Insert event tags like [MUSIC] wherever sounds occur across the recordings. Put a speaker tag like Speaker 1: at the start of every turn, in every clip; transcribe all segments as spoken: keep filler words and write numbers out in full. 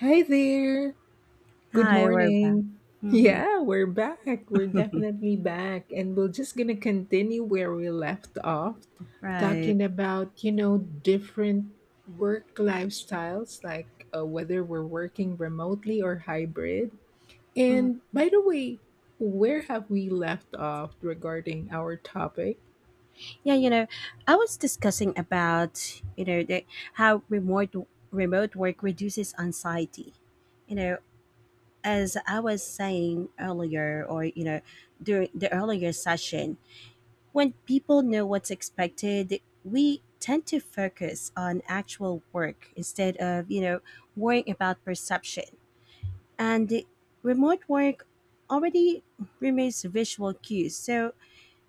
Speaker 1: Hi there. Good
Speaker 2: Hi, we're back.
Speaker 1: morning.
Speaker 2: Mm-hmm.
Speaker 1: Yeah, we're back. We're definitely back. And we're just going to continue where we left off,
Speaker 2: Right.
Speaker 1: talking about, you know, different work lifestyles, like uh, whether we're working remotely or hybrid.
Speaker 2: Mm.
Speaker 1: And by the way, where have we left off regarding our topic?
Speaker 2: Yeah, you know, I was discussing about you know the, how remote remote work reduces anxiety. You know, as I was saying earlier, or you know, during the earlier session, when people know what's expected, we tend to focus on actual work instead of you know worrying about perception. And remote work already removes visual cues, so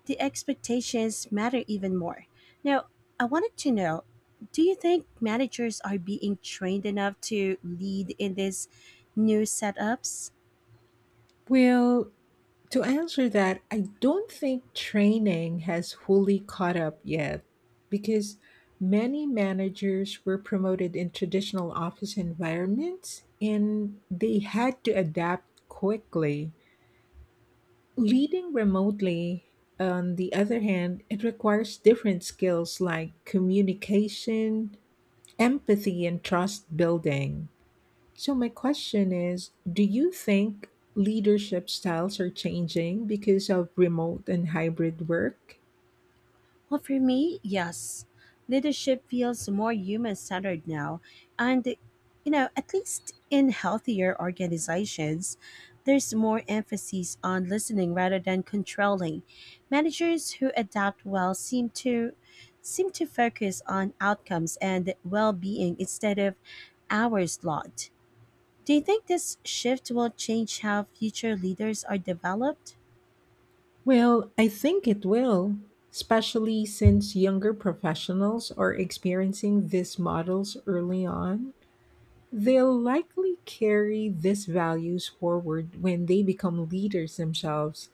Speaker 2: the expectations matter even more. Now, I wanted to know, do you think managers are being trained enough to lead in these new setups?
Speaker 1: Well, to answer that, I don't think training has fully caught up yet because many managers were promoted in traditional office environments and they had to adapt quickly. Leading remotely, on the other hand, it requires different skills like communication, empathy, and trust building. So, my question is, do you think leadership styles are changing because of remote and hybrid work?
Speaker 2: Well, for me, yes. Leadership feels more human centered now. And, you know, at least in healthier organizations, there's more emphasis on listening rather than controlling. Managers who adapt well seem to seem to focus on outcomes and well-being instead of hours logged. Do you think this shift will change how future leaders are developed?
Speaker 1: Well, I think it will, especially since younger professionals are experiencing these models early on. They'll likely carry these values forward when they become leaders themselves.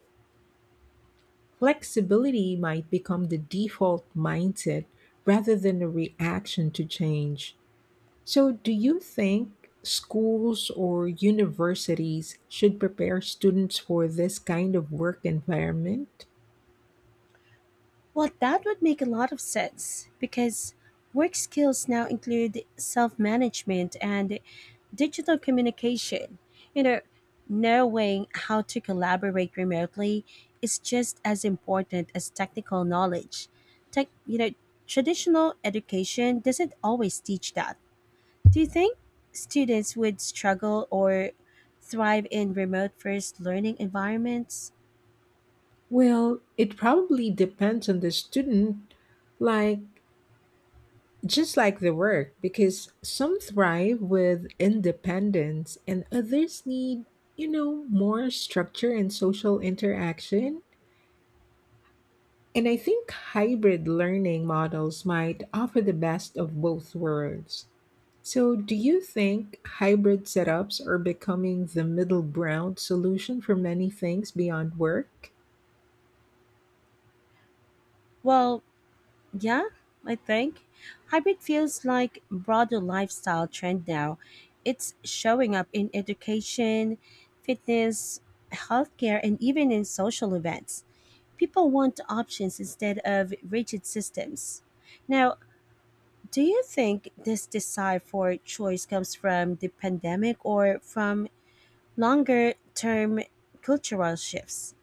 Speaker 1: Flexibility might become the default mindset rather than a reaction to change. So, do you think schools or universities should prepare students for this kind of work environment?
Speaker 2: Well, that would make a lot of sense because work skills now include self management and digital communication. You know, knowing how to collaborate remotely is just as important as technical knowledge. Tech, you know, traditional education doesn't always teach that. Do you think students would struggle or thrive in remote first learning environments?
Speaker 1: Well, it probably depends on the student, like just like the work, because some thrive with independence and others need, you know, more structure and social interaction. And I think hybrid learning models might offer the best of both worlds. So, do you think hybrid setups are becoming the middle ground solution for many things beyond work?
Speaker 2: Well, yeah, I think. Hybrid feels like broader lifestyle trend now. It's showing up in education, fitness, healthcare, and even in social events. People want options instead of rigid systems. Now, do you think this desire for choice comes from the pandemic or from longer term cultural shifts?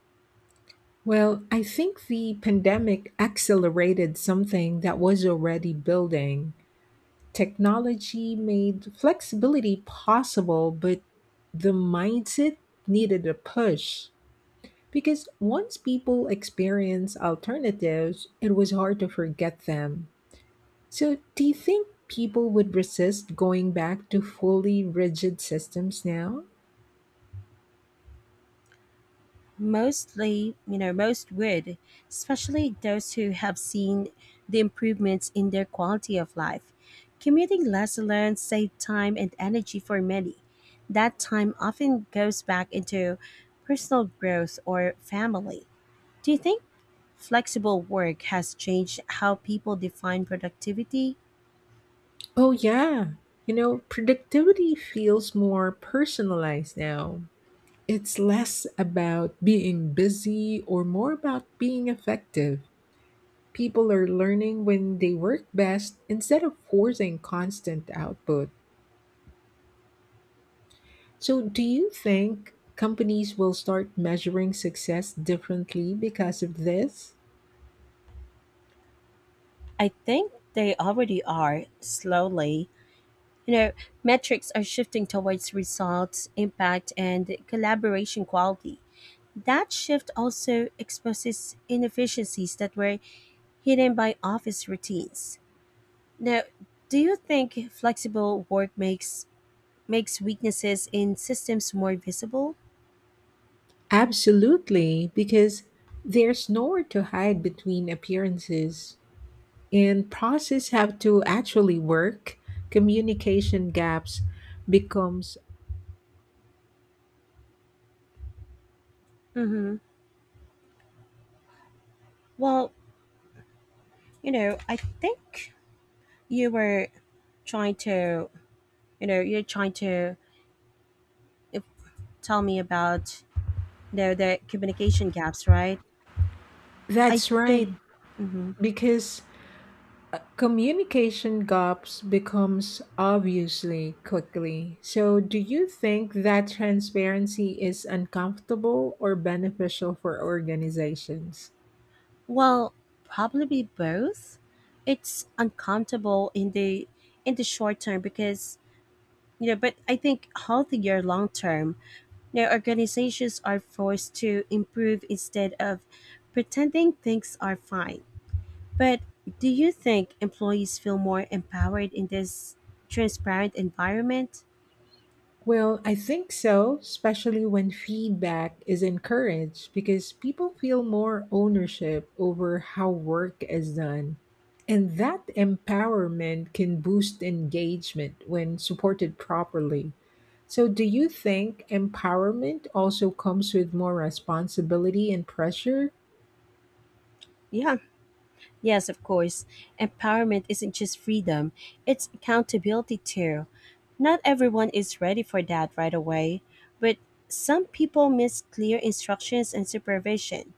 Speaker 1: Well, I think the pandemic accelerated something that was already building. Technology made flexibility possible, but the mindset needed a push. Because once people experience alternatives, it was hard to forget them. So, do you think people would resist going back to fully rigid systems now?
Speaker 2: Mostly, you know, most would, especially those who have seen the improvements in their quality of life. Commuting less alone saved time and energy for many. That time often goes back into personal growth or family. Do you think flexible work has changed how people define productivity?
Speaker 1: Oh, yeah. You know, productivity feels more personalized now. It's less about being busy or more about being effective. People are learning when they work best instead of forcing constant output. So, do you think companies will start measuring success differently because of this?
Speaker 2: I think they already are slowly. You know, metrics are shifting towards results, impact, and collaboration quality. That shift also exposes inefficiencies that were hidden by office routines. Now, do you think flexible work makes makes weaknesses in systems more visible?
Speaker 1: Absolutely, because there's nowhere to hide between appearances, and process have to actually work. Communication gaps becomes
Speaker 2: Mm-hmm. Well, you know, I think you were trying to, you know, you're trying to uh, tell me about you know, the communication gaps, right? I
Speaker 1: that's right
Speaker 2: think. Hmm.
Speaker 1: because communication gaps becomes obviously quickly. So, do you think that transparency is uncomfortable or beneficial for organizations?
Speaker 2: Well, probably both. It's uncomfortable in the in the short term because you know, but I think healthier long term. You know, organizations are forced to improve instead of pretending things are fine. But do you think employees feel more empowered in this transparent environment?
Speaker 1: Well, I think so, especially when feedback is encouraged because people feel more ownership over how work is done. And that empowerment can boost engagement when supported properly. So, do you think empowerment also comes with more responsibility and pressure?
Speaker 2: Yeah. Yes, of course. Empowerment isn't just freedom, it's accountability too. Not everyone is ready for that right away, but some people miss clear instructions and supervision.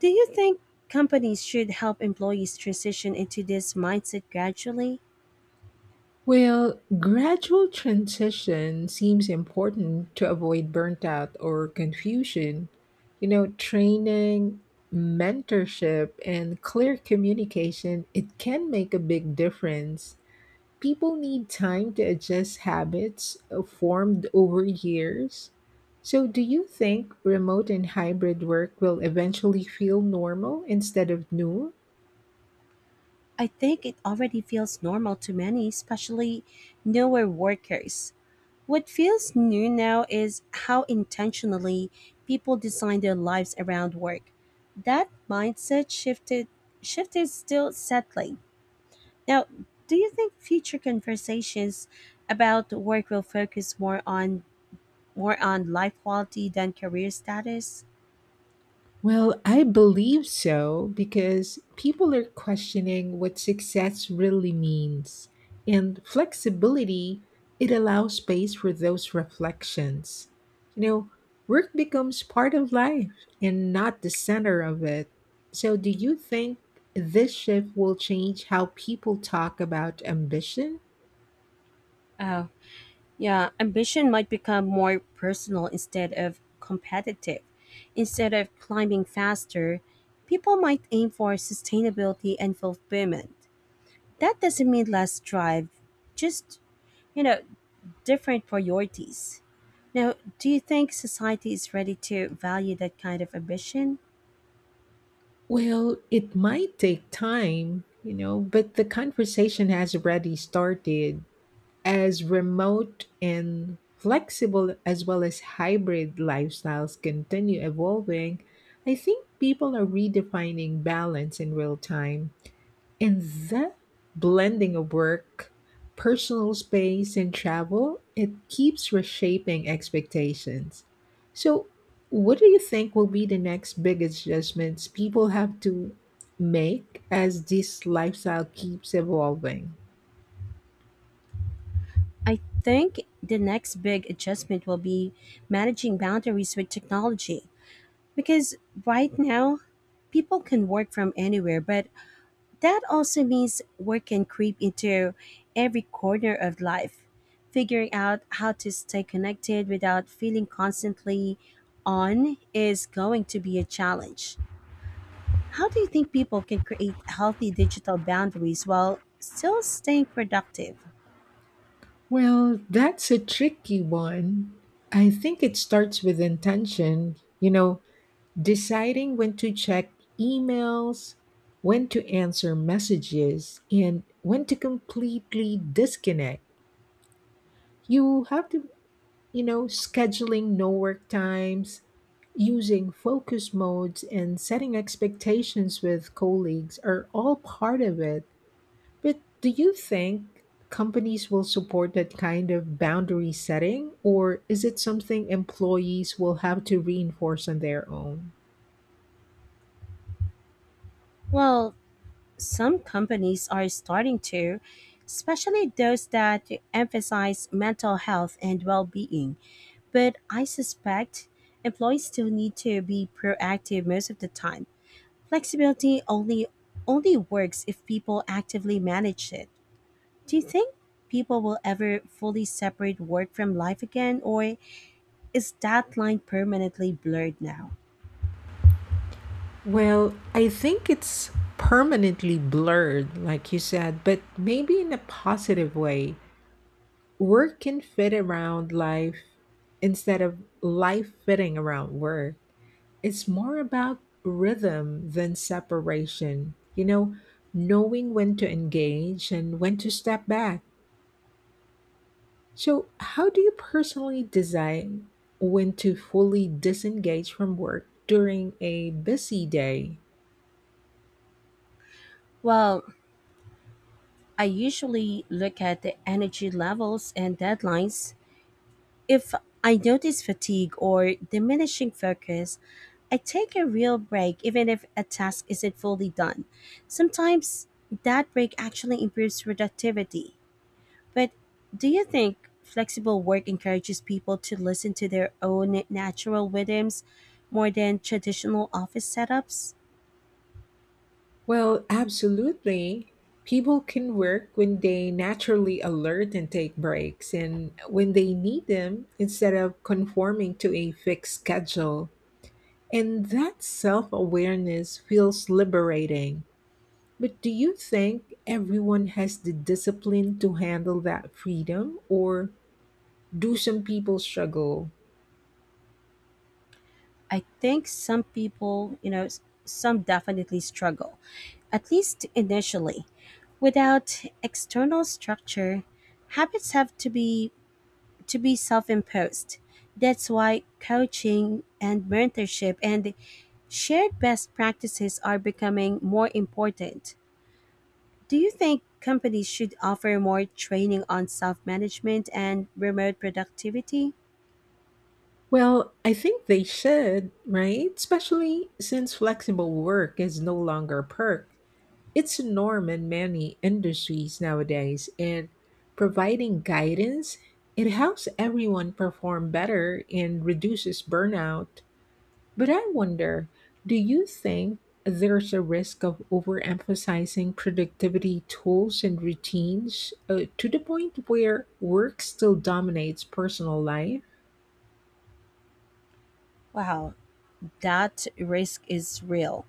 Speaker 2: Do you think companies should help employees transition into this mindset gradually?
Speaker 1: Well, gradual transition seems important to avoid burnt out or confusion. You know, training, mentorship, and clear communication, it can make a big difference. People need time to adjust habits uh, formed over years. So, do you think remote and hybrid work will eventually feel normal instead of new?
Speaker 2: I think it already feels normal to many, especially newer workers. What feels new now is how intentionally people design their lives around work. That mindset shifted shift is still settling. Now, do you think future conversations about work will focus more on more on life quality than career status?
Speaker 1: Well, I believe so because people are questioning what success really means. And flexibility, it allows space for those reflections. You know, work becomes part of life and not the center of it. So, do you think this shift will change how people talk about ambition?
Speaker 2: Oh, yeah, ambition might become more personal instead of competitive. Instead of climbing faster, people might aim for sustainability and fulfillment. That doesn't mean less drive, just, you know, different priorities. Now, do you think society is ready to value that kind of ambition?
Speaker 1: Well, it might take time, you know, but the conversation has already started. As remote and flexible as well as hybrid lifestyles continue evolving, I think people are redefining balance in real time. And that blending of work, personal space, and travel, it keeps reshaping expectations. So, what do you think will be the next big adjustments people have to make as this lifestyle keeps evolving?
Speaker 2: I think the next big adjustment will be managing boundaries with technology because right now people can work from anywhere, but that also means work can creep into every corner of life. Figuring out how to stay connected without feeling constantly on is going to be a challenge. How do you think people can create healthy digital boundaries while still staying productive?
Speaker 1: Well, that's a tricky one. I think it starts with intention, you know, deciding when to check emails, when to answer messages, and when to completely disconnect. You have to, you know, scheduling no work times, using focus modes, and setting expectations with colleagues are all part of it. But do you think companies will support that kind of boundary setting, or is it something employees will have to reinforce on their own?
Speaker 2: Well, some companies are starting to, especially those that emphasize mental health and well being. But I suspect employees still need to be proactive most of the time. Flexibility only only works if people actively manage it. Do you think people will ever fully separate work from life again, or is that line permanently blurred now?
Speaker 1: Well, I think it's permanently blurred, like you said, but maybe in a positive way. Work can fit around life instead of life fitting around work. It's more about rhythm than separation, you know, knowing when to engage and when to step back. So, how do you personally design when to fully disengage from work during a busy day?
Speaker 2: Well, I usually look at the energy levels and deadlines. If I notice fatigue or diminishing focus, I take a real break even if a task isn't fully done. Sometimes that break actually improves productivity. But do you think flexible work encourages people to listen to their own natural rhythms more than traditional office setups?
Speaker 1: Well, absolutely. People can work when they naturally alert and take breaks, and when they need them instead of conforming to a fixed schedule. And that self awareness feels liberating. But do you think everyone has the discipline to handle that freedom, or do some people struggle?
Speaker 2: I think some people, you know, s- some definitely struggle, at least initially. Without external structure, habits have to be to be self-imposed. That's why coaching and mentorship and shared best practices are becoming more important. Do you think companies should offer more training on self-management and remote productivity?
Speaker 1: Well, I think they should, right? Especially since flexible work is no longer a perk. It's a norm in many industries nowadays, and providing guidance, it helps everyone perform better and reduces burnout. But I wonder, do you think there's a risk of overemphasizing productivity tools and routines uh, to the point where work still dominates personal life?
Speaker 2: Wow, that risk is real.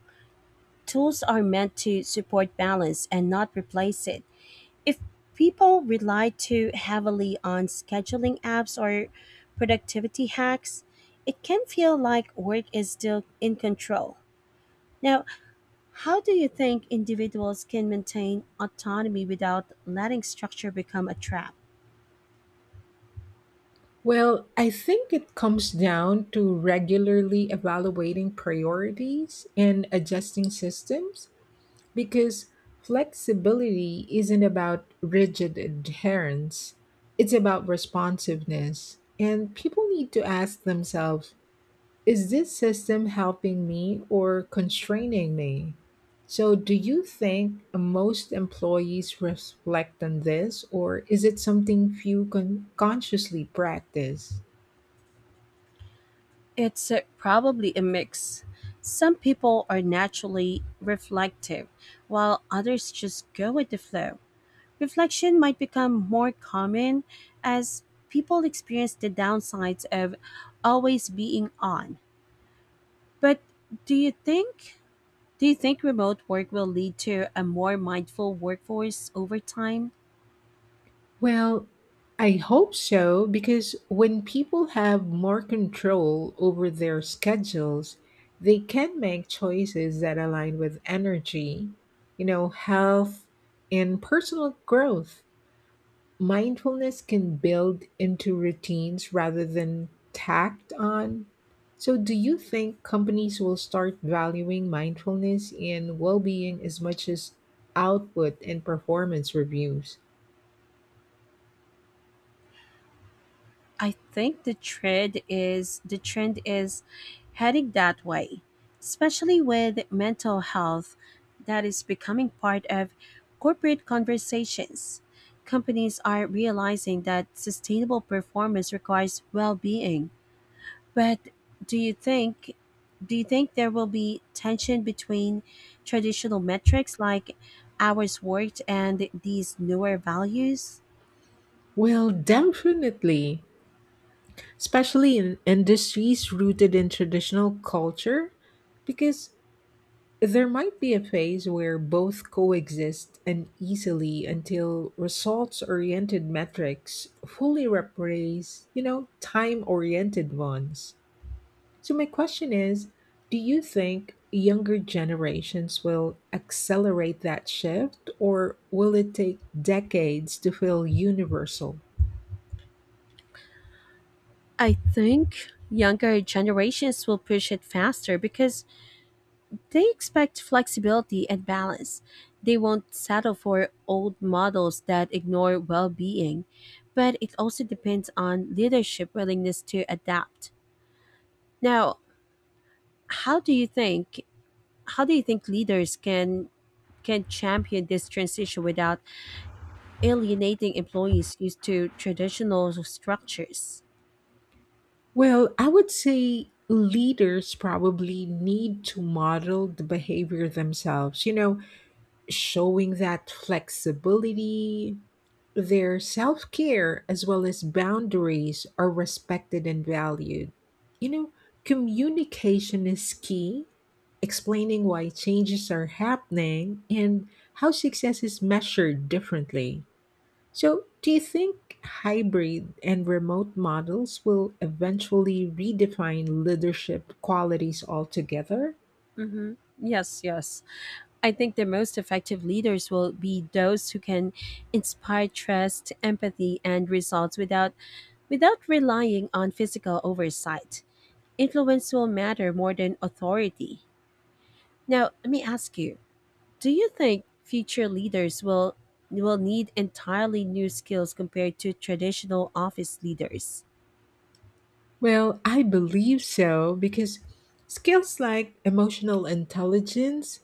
Speaker 2: Tools are meant to support balance and not replace it. If people rely too heavily on scheduling apps or productivity hacks, it can feel like work is still in control. Now, how do you think individuals can maintain autonomy without letting structure become a trap?
Speaker 1: Well, I think it comes down to regularly evaluating priorities and adjusting systems because flexibility isn't about rigid adherence, it's about responsiveness. And people need to ask themselves, is this system helping me or constraining me? So, do you think most employees reflect on this, or is it something few con- consciously practice?
Speaker 2: It's uh, probably a mix. Some people are naturally reflective, while others just go with the flow. Reflection might become more common as people experience the downsides of always being on. But do you think do you think remote work will lead to a more mindful workforce over time?
Speaker 1: Well, I hope so because when people have more control over their schedules, they can make choices that align with energy, you know, health, and personal growth. Mindfulness can build into routines rather than tacked on. So, do you think companies will start valuing mindfulness and well being as much as output and performance reviews?
Speaker 2: I think the trend is the trend is heading that way, especially with mental health that is becoming part of corporate conversations. Companies are realizing that sustainable performance requires well-being. But do you think do you think there will be tension between traditional metrics like hours worked and these newer values?
Speaker 1: Well, definitely, especially in industries rooted in traditional culture, because there might be a phase where both coexist uneasily until results-oriented metrics fully replace, you know, time-oriented ones. So, my question is, do you think younger generations will accelerate that shift, or will it take decades to feel universal?
Speaker 2: I think younger generations will push it faster because they expect flexibility and balance. They won't settle for old models that ignore well being, but it also depends on leadership willingness to adapt. Now, how do you think how do you think leaders can can champion this transition without alienating employees used to traditional structures?
Speaker 1: Well, I would say leaders probably need to model the behavior themselves, you know, showing that flexibility, their self care, as well as boundaries are respected and valued. You know, communication is key, explaining why changes are happening and how success is measured differently. So, do you think hybrid and remote models will eventually redefine leadership qualities altogether?
Speaker 2: Mm-hmm. Yes, yes. I think the most effective leaders will be those who can inspire trust, empathy, and results without without relying on physical oversight. Influence will matter more than authority. Now, let me ask you: do you think future leaders will will need entirely new skills compared to traditional office leaders?
Speaker 1: Well, I believe so because skills like emotional intelligence,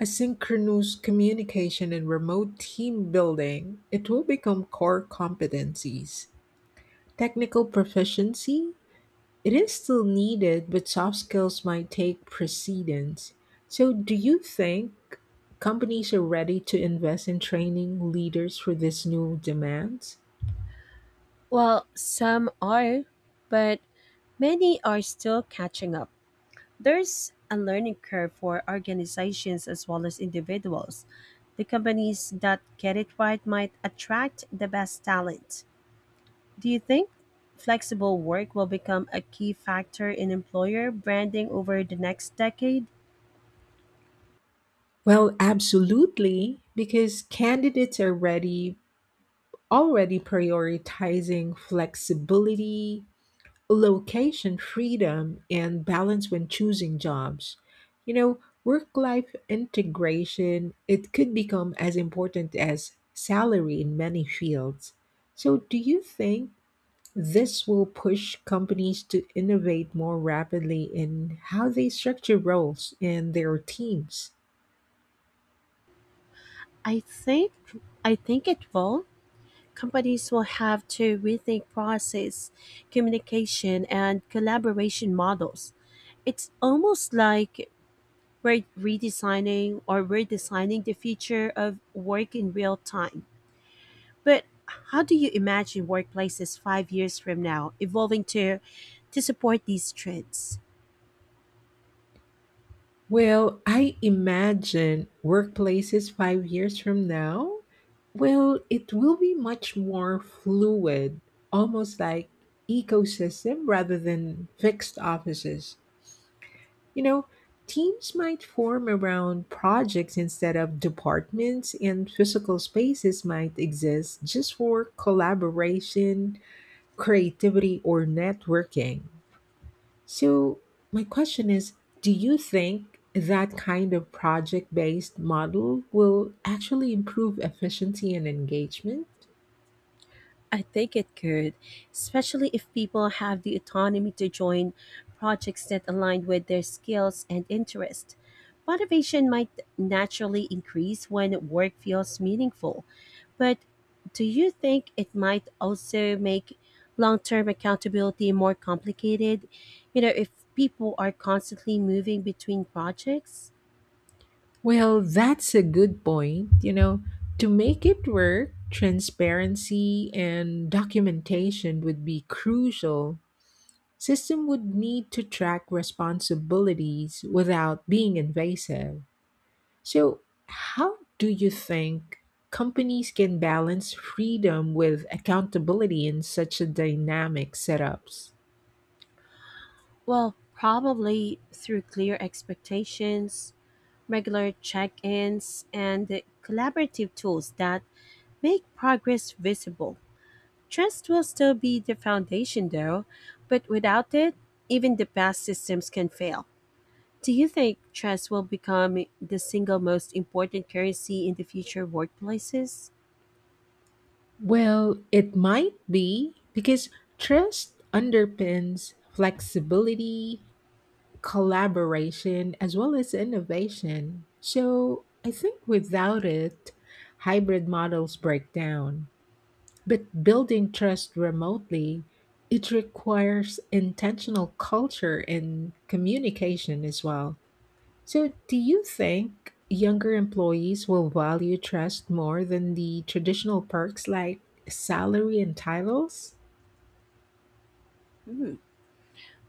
Speaker 1: asynchronous communication, and remote team building, it will become core competencies. Technical proficiency, it is still needed, but soft skills might take precedence. So, do you think companies are ready to invest in training leaders for this new demands?
Speaker 2: Well, some are, but many are still catching up. There's a learning curve for organizations as well as individuals. The companies that get it right might attract the best talent. Do you think flexible work will become a key factor in employer branding over the next decade?
Speaker 1: Well, absolutely, because candidates are ready already prioritizing flexibility, location freedom and balance when choosing jobs. You know, work life integration, it could become as important as salary in many fields. So, do you think this will push companies to innovate more rapidly in how they structure roles and their teams?
Speaker 2: I think I think it will. Companies will have to rethink process, communication and collaboration models. It's almost like we're redesigning or redesigning the future of work in real time. But how do you imagine workplaces five years from now evolving to to support these trends?
Speaker 1: Well, I imagine workplaces five years from now, well, it will be much more fluid, almost like ecosystem rather than fixed offices. You know, teams might form around projects instead of departments, and physical spaces might exist just for collaboration, creativity, or networking. So, my question is, do you think that kind of project based model will actually improve efficiency and engagement?
Speaker 2: I think it could, especially if people have the autonomy to join projects that align with their skills and interest. Motivation might naturally increase when work feels meaningful, but do you think it might also make long term accountability more complicated? You know, if people are constantly moving between projects?
Speaker 1: Well, that's a good point. You know, to make it work, transparency and documentation would be crucial. System would need to track responsibilities without being invasive. So, how do you think companies can balance freedom with accountability in such a dynamic setups?
Speaker 2: Well, probably through clear expectations, regular check ins, and collaborative tools that make progress visible. Trust will still be the foundation, though, but without it, even the best systems can fail. Do you think trust will become the single most important currency in the future workplaces?
Speaker 1: Well, it might be because trust underpins flexibility collaboration as well as innovation. So, I think without it, hybrid models break down. But building trust remotely, it requires intentional culture and communication as well. So, do you think younger employees will value trust more than the traditional perks like salary and titles?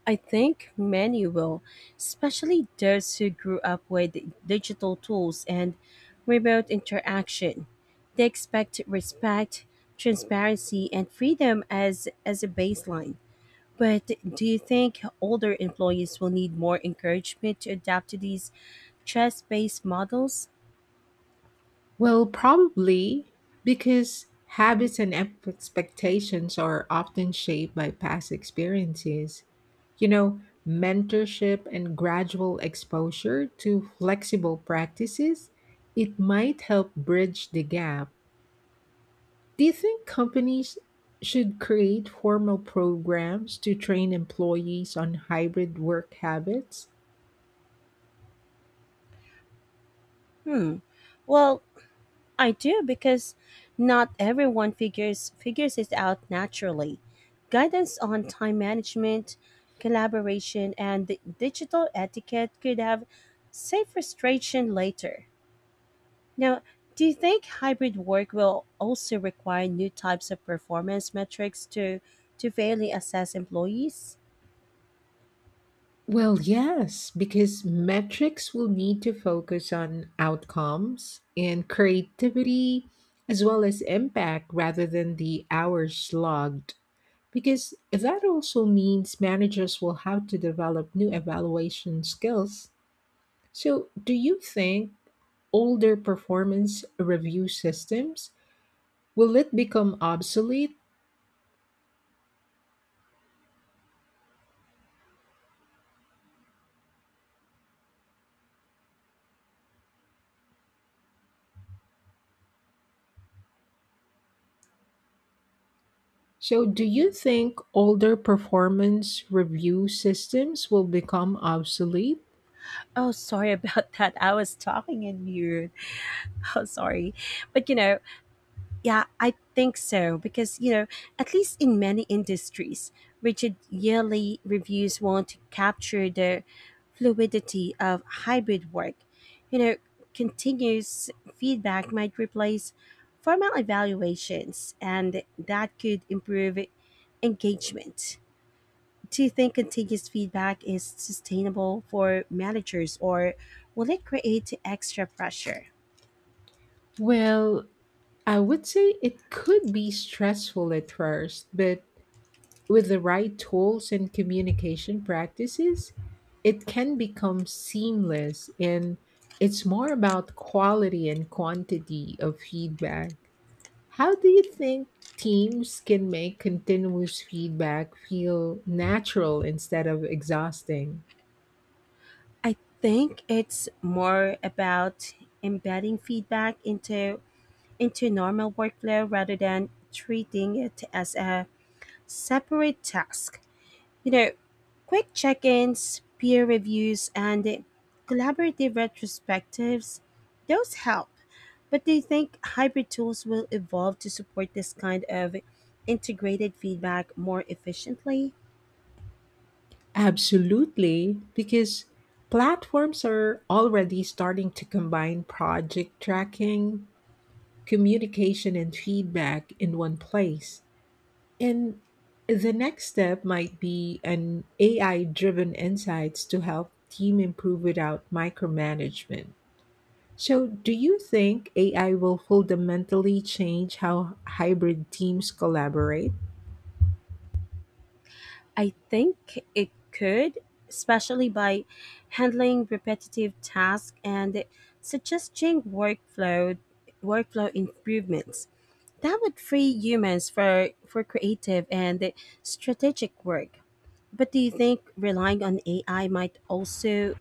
Speaker 2: I think many will, especially those who grew up with digital tools and remote interaction. They expect respect, transparency, and freedom as, as a baseline. But do you think older employees will need more encouragement to adapt to these trust based models?
Speaker 1: Well, probably because habits and ep- expectations are often shaped by past experiences. You know, mentorship and gradual exposure to flexible practices, it might help bridge the gap. Do you think companies should create formal programs to train employees on hybrid work habits?
Speaker 2: Hmm. Well, I do because not everyone figures figures it out naturally. Guidance on time management, collaboration, and the digital etiquette could have saved frustration later. Now, do you think hybrid work will also require new types of performance metrics to to fairly assess employees?
Speaker 1: Well, yes, because metrics will need to focus on outcomes and creativity as well as impact rather than the hours logged. Because that also means managers will have to develop new evaluation skills. So, do you think older performance review systems will it become obsolete? So, do you think older performance review systems will become obsolete?
Speaker 2: Oh, sorry [LAUGHS] about that. I was talking in mute. [LAUGHS] Oh, sorry. But you know, yeah, I think so because, you know, at least in many industries, rigid yearly reviews want to capture the fluidity of hybrid work. You know, continuous feedback might replace formal evaluations and that could improve engagement. Do you think continuous feedback is sustainable for managers or will it create extra pressure?
Speaker 1: Well, I would say it could be stressful at first, but with the right tools and communication practices, it can become seamless and it's more about quality and quantity of feedback. How do you think teams can make continuous feedback feel natural instead of exhausting?
Speaker 2: I think it's more about embedding feedback into into normal workflow rather than treating it as a separate task. You know, quick check-ins, peer reviews, and collaborative retrospectives, those help. But do you think hybrid tools will evolve to support this kind of integrated feedback more efficiently?
Speaker 1: Absolutely, because platforms are already starting to combine project tracking, communication, and feedback in one place. And the next step might be an A I driven insights to help team improve without micromanagement. So, do you think A I will fundamentally change how hybrid teams collaborate?
Speaker 2: I think it could, especially by handling repetitive tasks and suggesting workflow workflow improvements. That would free humans for for creative and strategic work. But do you think relying on A I might also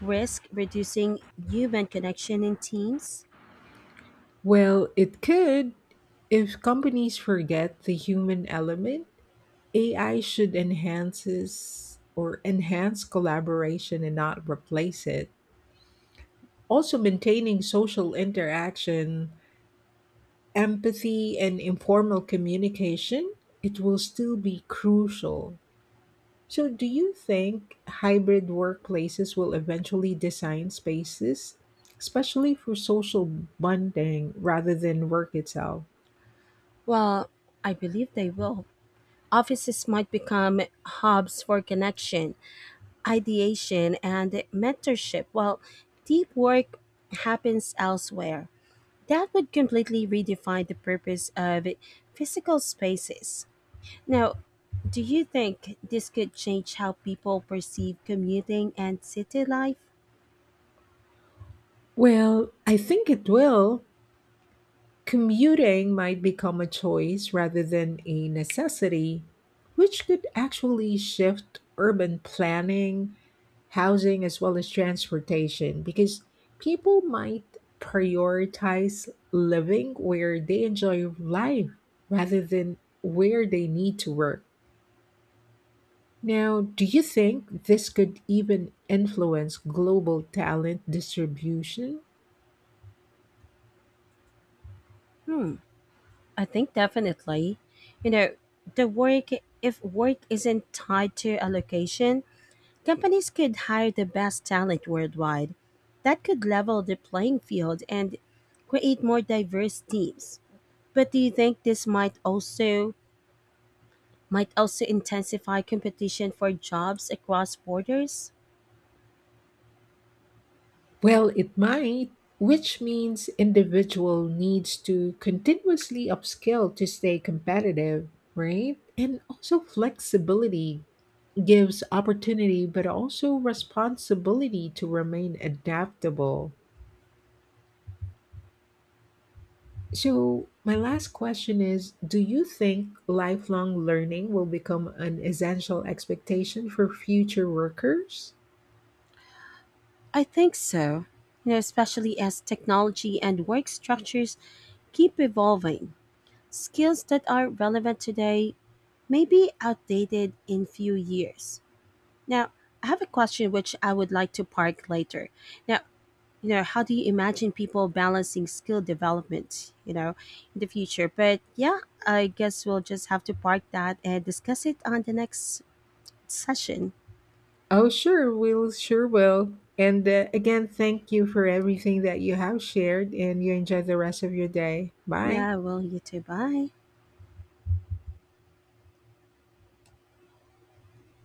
Speaker 2: risk reducing human connection in teams?
Speaker 1: Well, it could if companies forget the human element. A I should enhances or enhance collaboration and not replace it. Also maintaining social interaction, empathy and informal communication, it will still be crucial. So, do you think hybrid workplaces will eventually design spaces especially for social bonding rather than work itself?
Speaker 2: Well, I believe they will. Offices might become hubs for connection, ideation and mentorship while deep work happens elsewhere. That would completely redefine the purpose of physical spaces. Now, do you think this could change how people perceive commuting and city life?
Speaker 1: Well, I think it will. Commuting might become a choice rather than a necessity, which could actually shift urban planning, housing, as well as transportation, because people might prioritize living where they enjoy life rather than where they need to work. Now, do you think this could even influence global talent distribution?
Speaker 2: Hmm, I think definitely. You know, the work, if work isn't tied to a location, companies could hire the best talent worldwide. That could level the playing field and create more diverse teams. But do you think this might also might also intensify competition for jobs across borders?
Speaker 1: Well, it might, which means individual needs to continuously upskill to stay competitive, right? And also flexibility gives opportunity but also responsibility to remain adaptable. So, my last question is, do you think lifelong learning will become an essential expectation for future workers?
Speaker 2: I think so. You know, especially as technology and work structures keep evolving. Skills that are relevant today may be outdated in few years. Now, I have a question which I would like to park later. Now, you know, how do you imagine people balancing skill development you know in the future? But yeah, I guess we'll just have to park that and discuss it on the next session.
Speaker 1: Oh, sure, will, sure will. And uh, again, thank you for everything that you have shared, and you enjoy the rest of your day. Bye.
Speaker 2: Yeah, well, you too. Bye.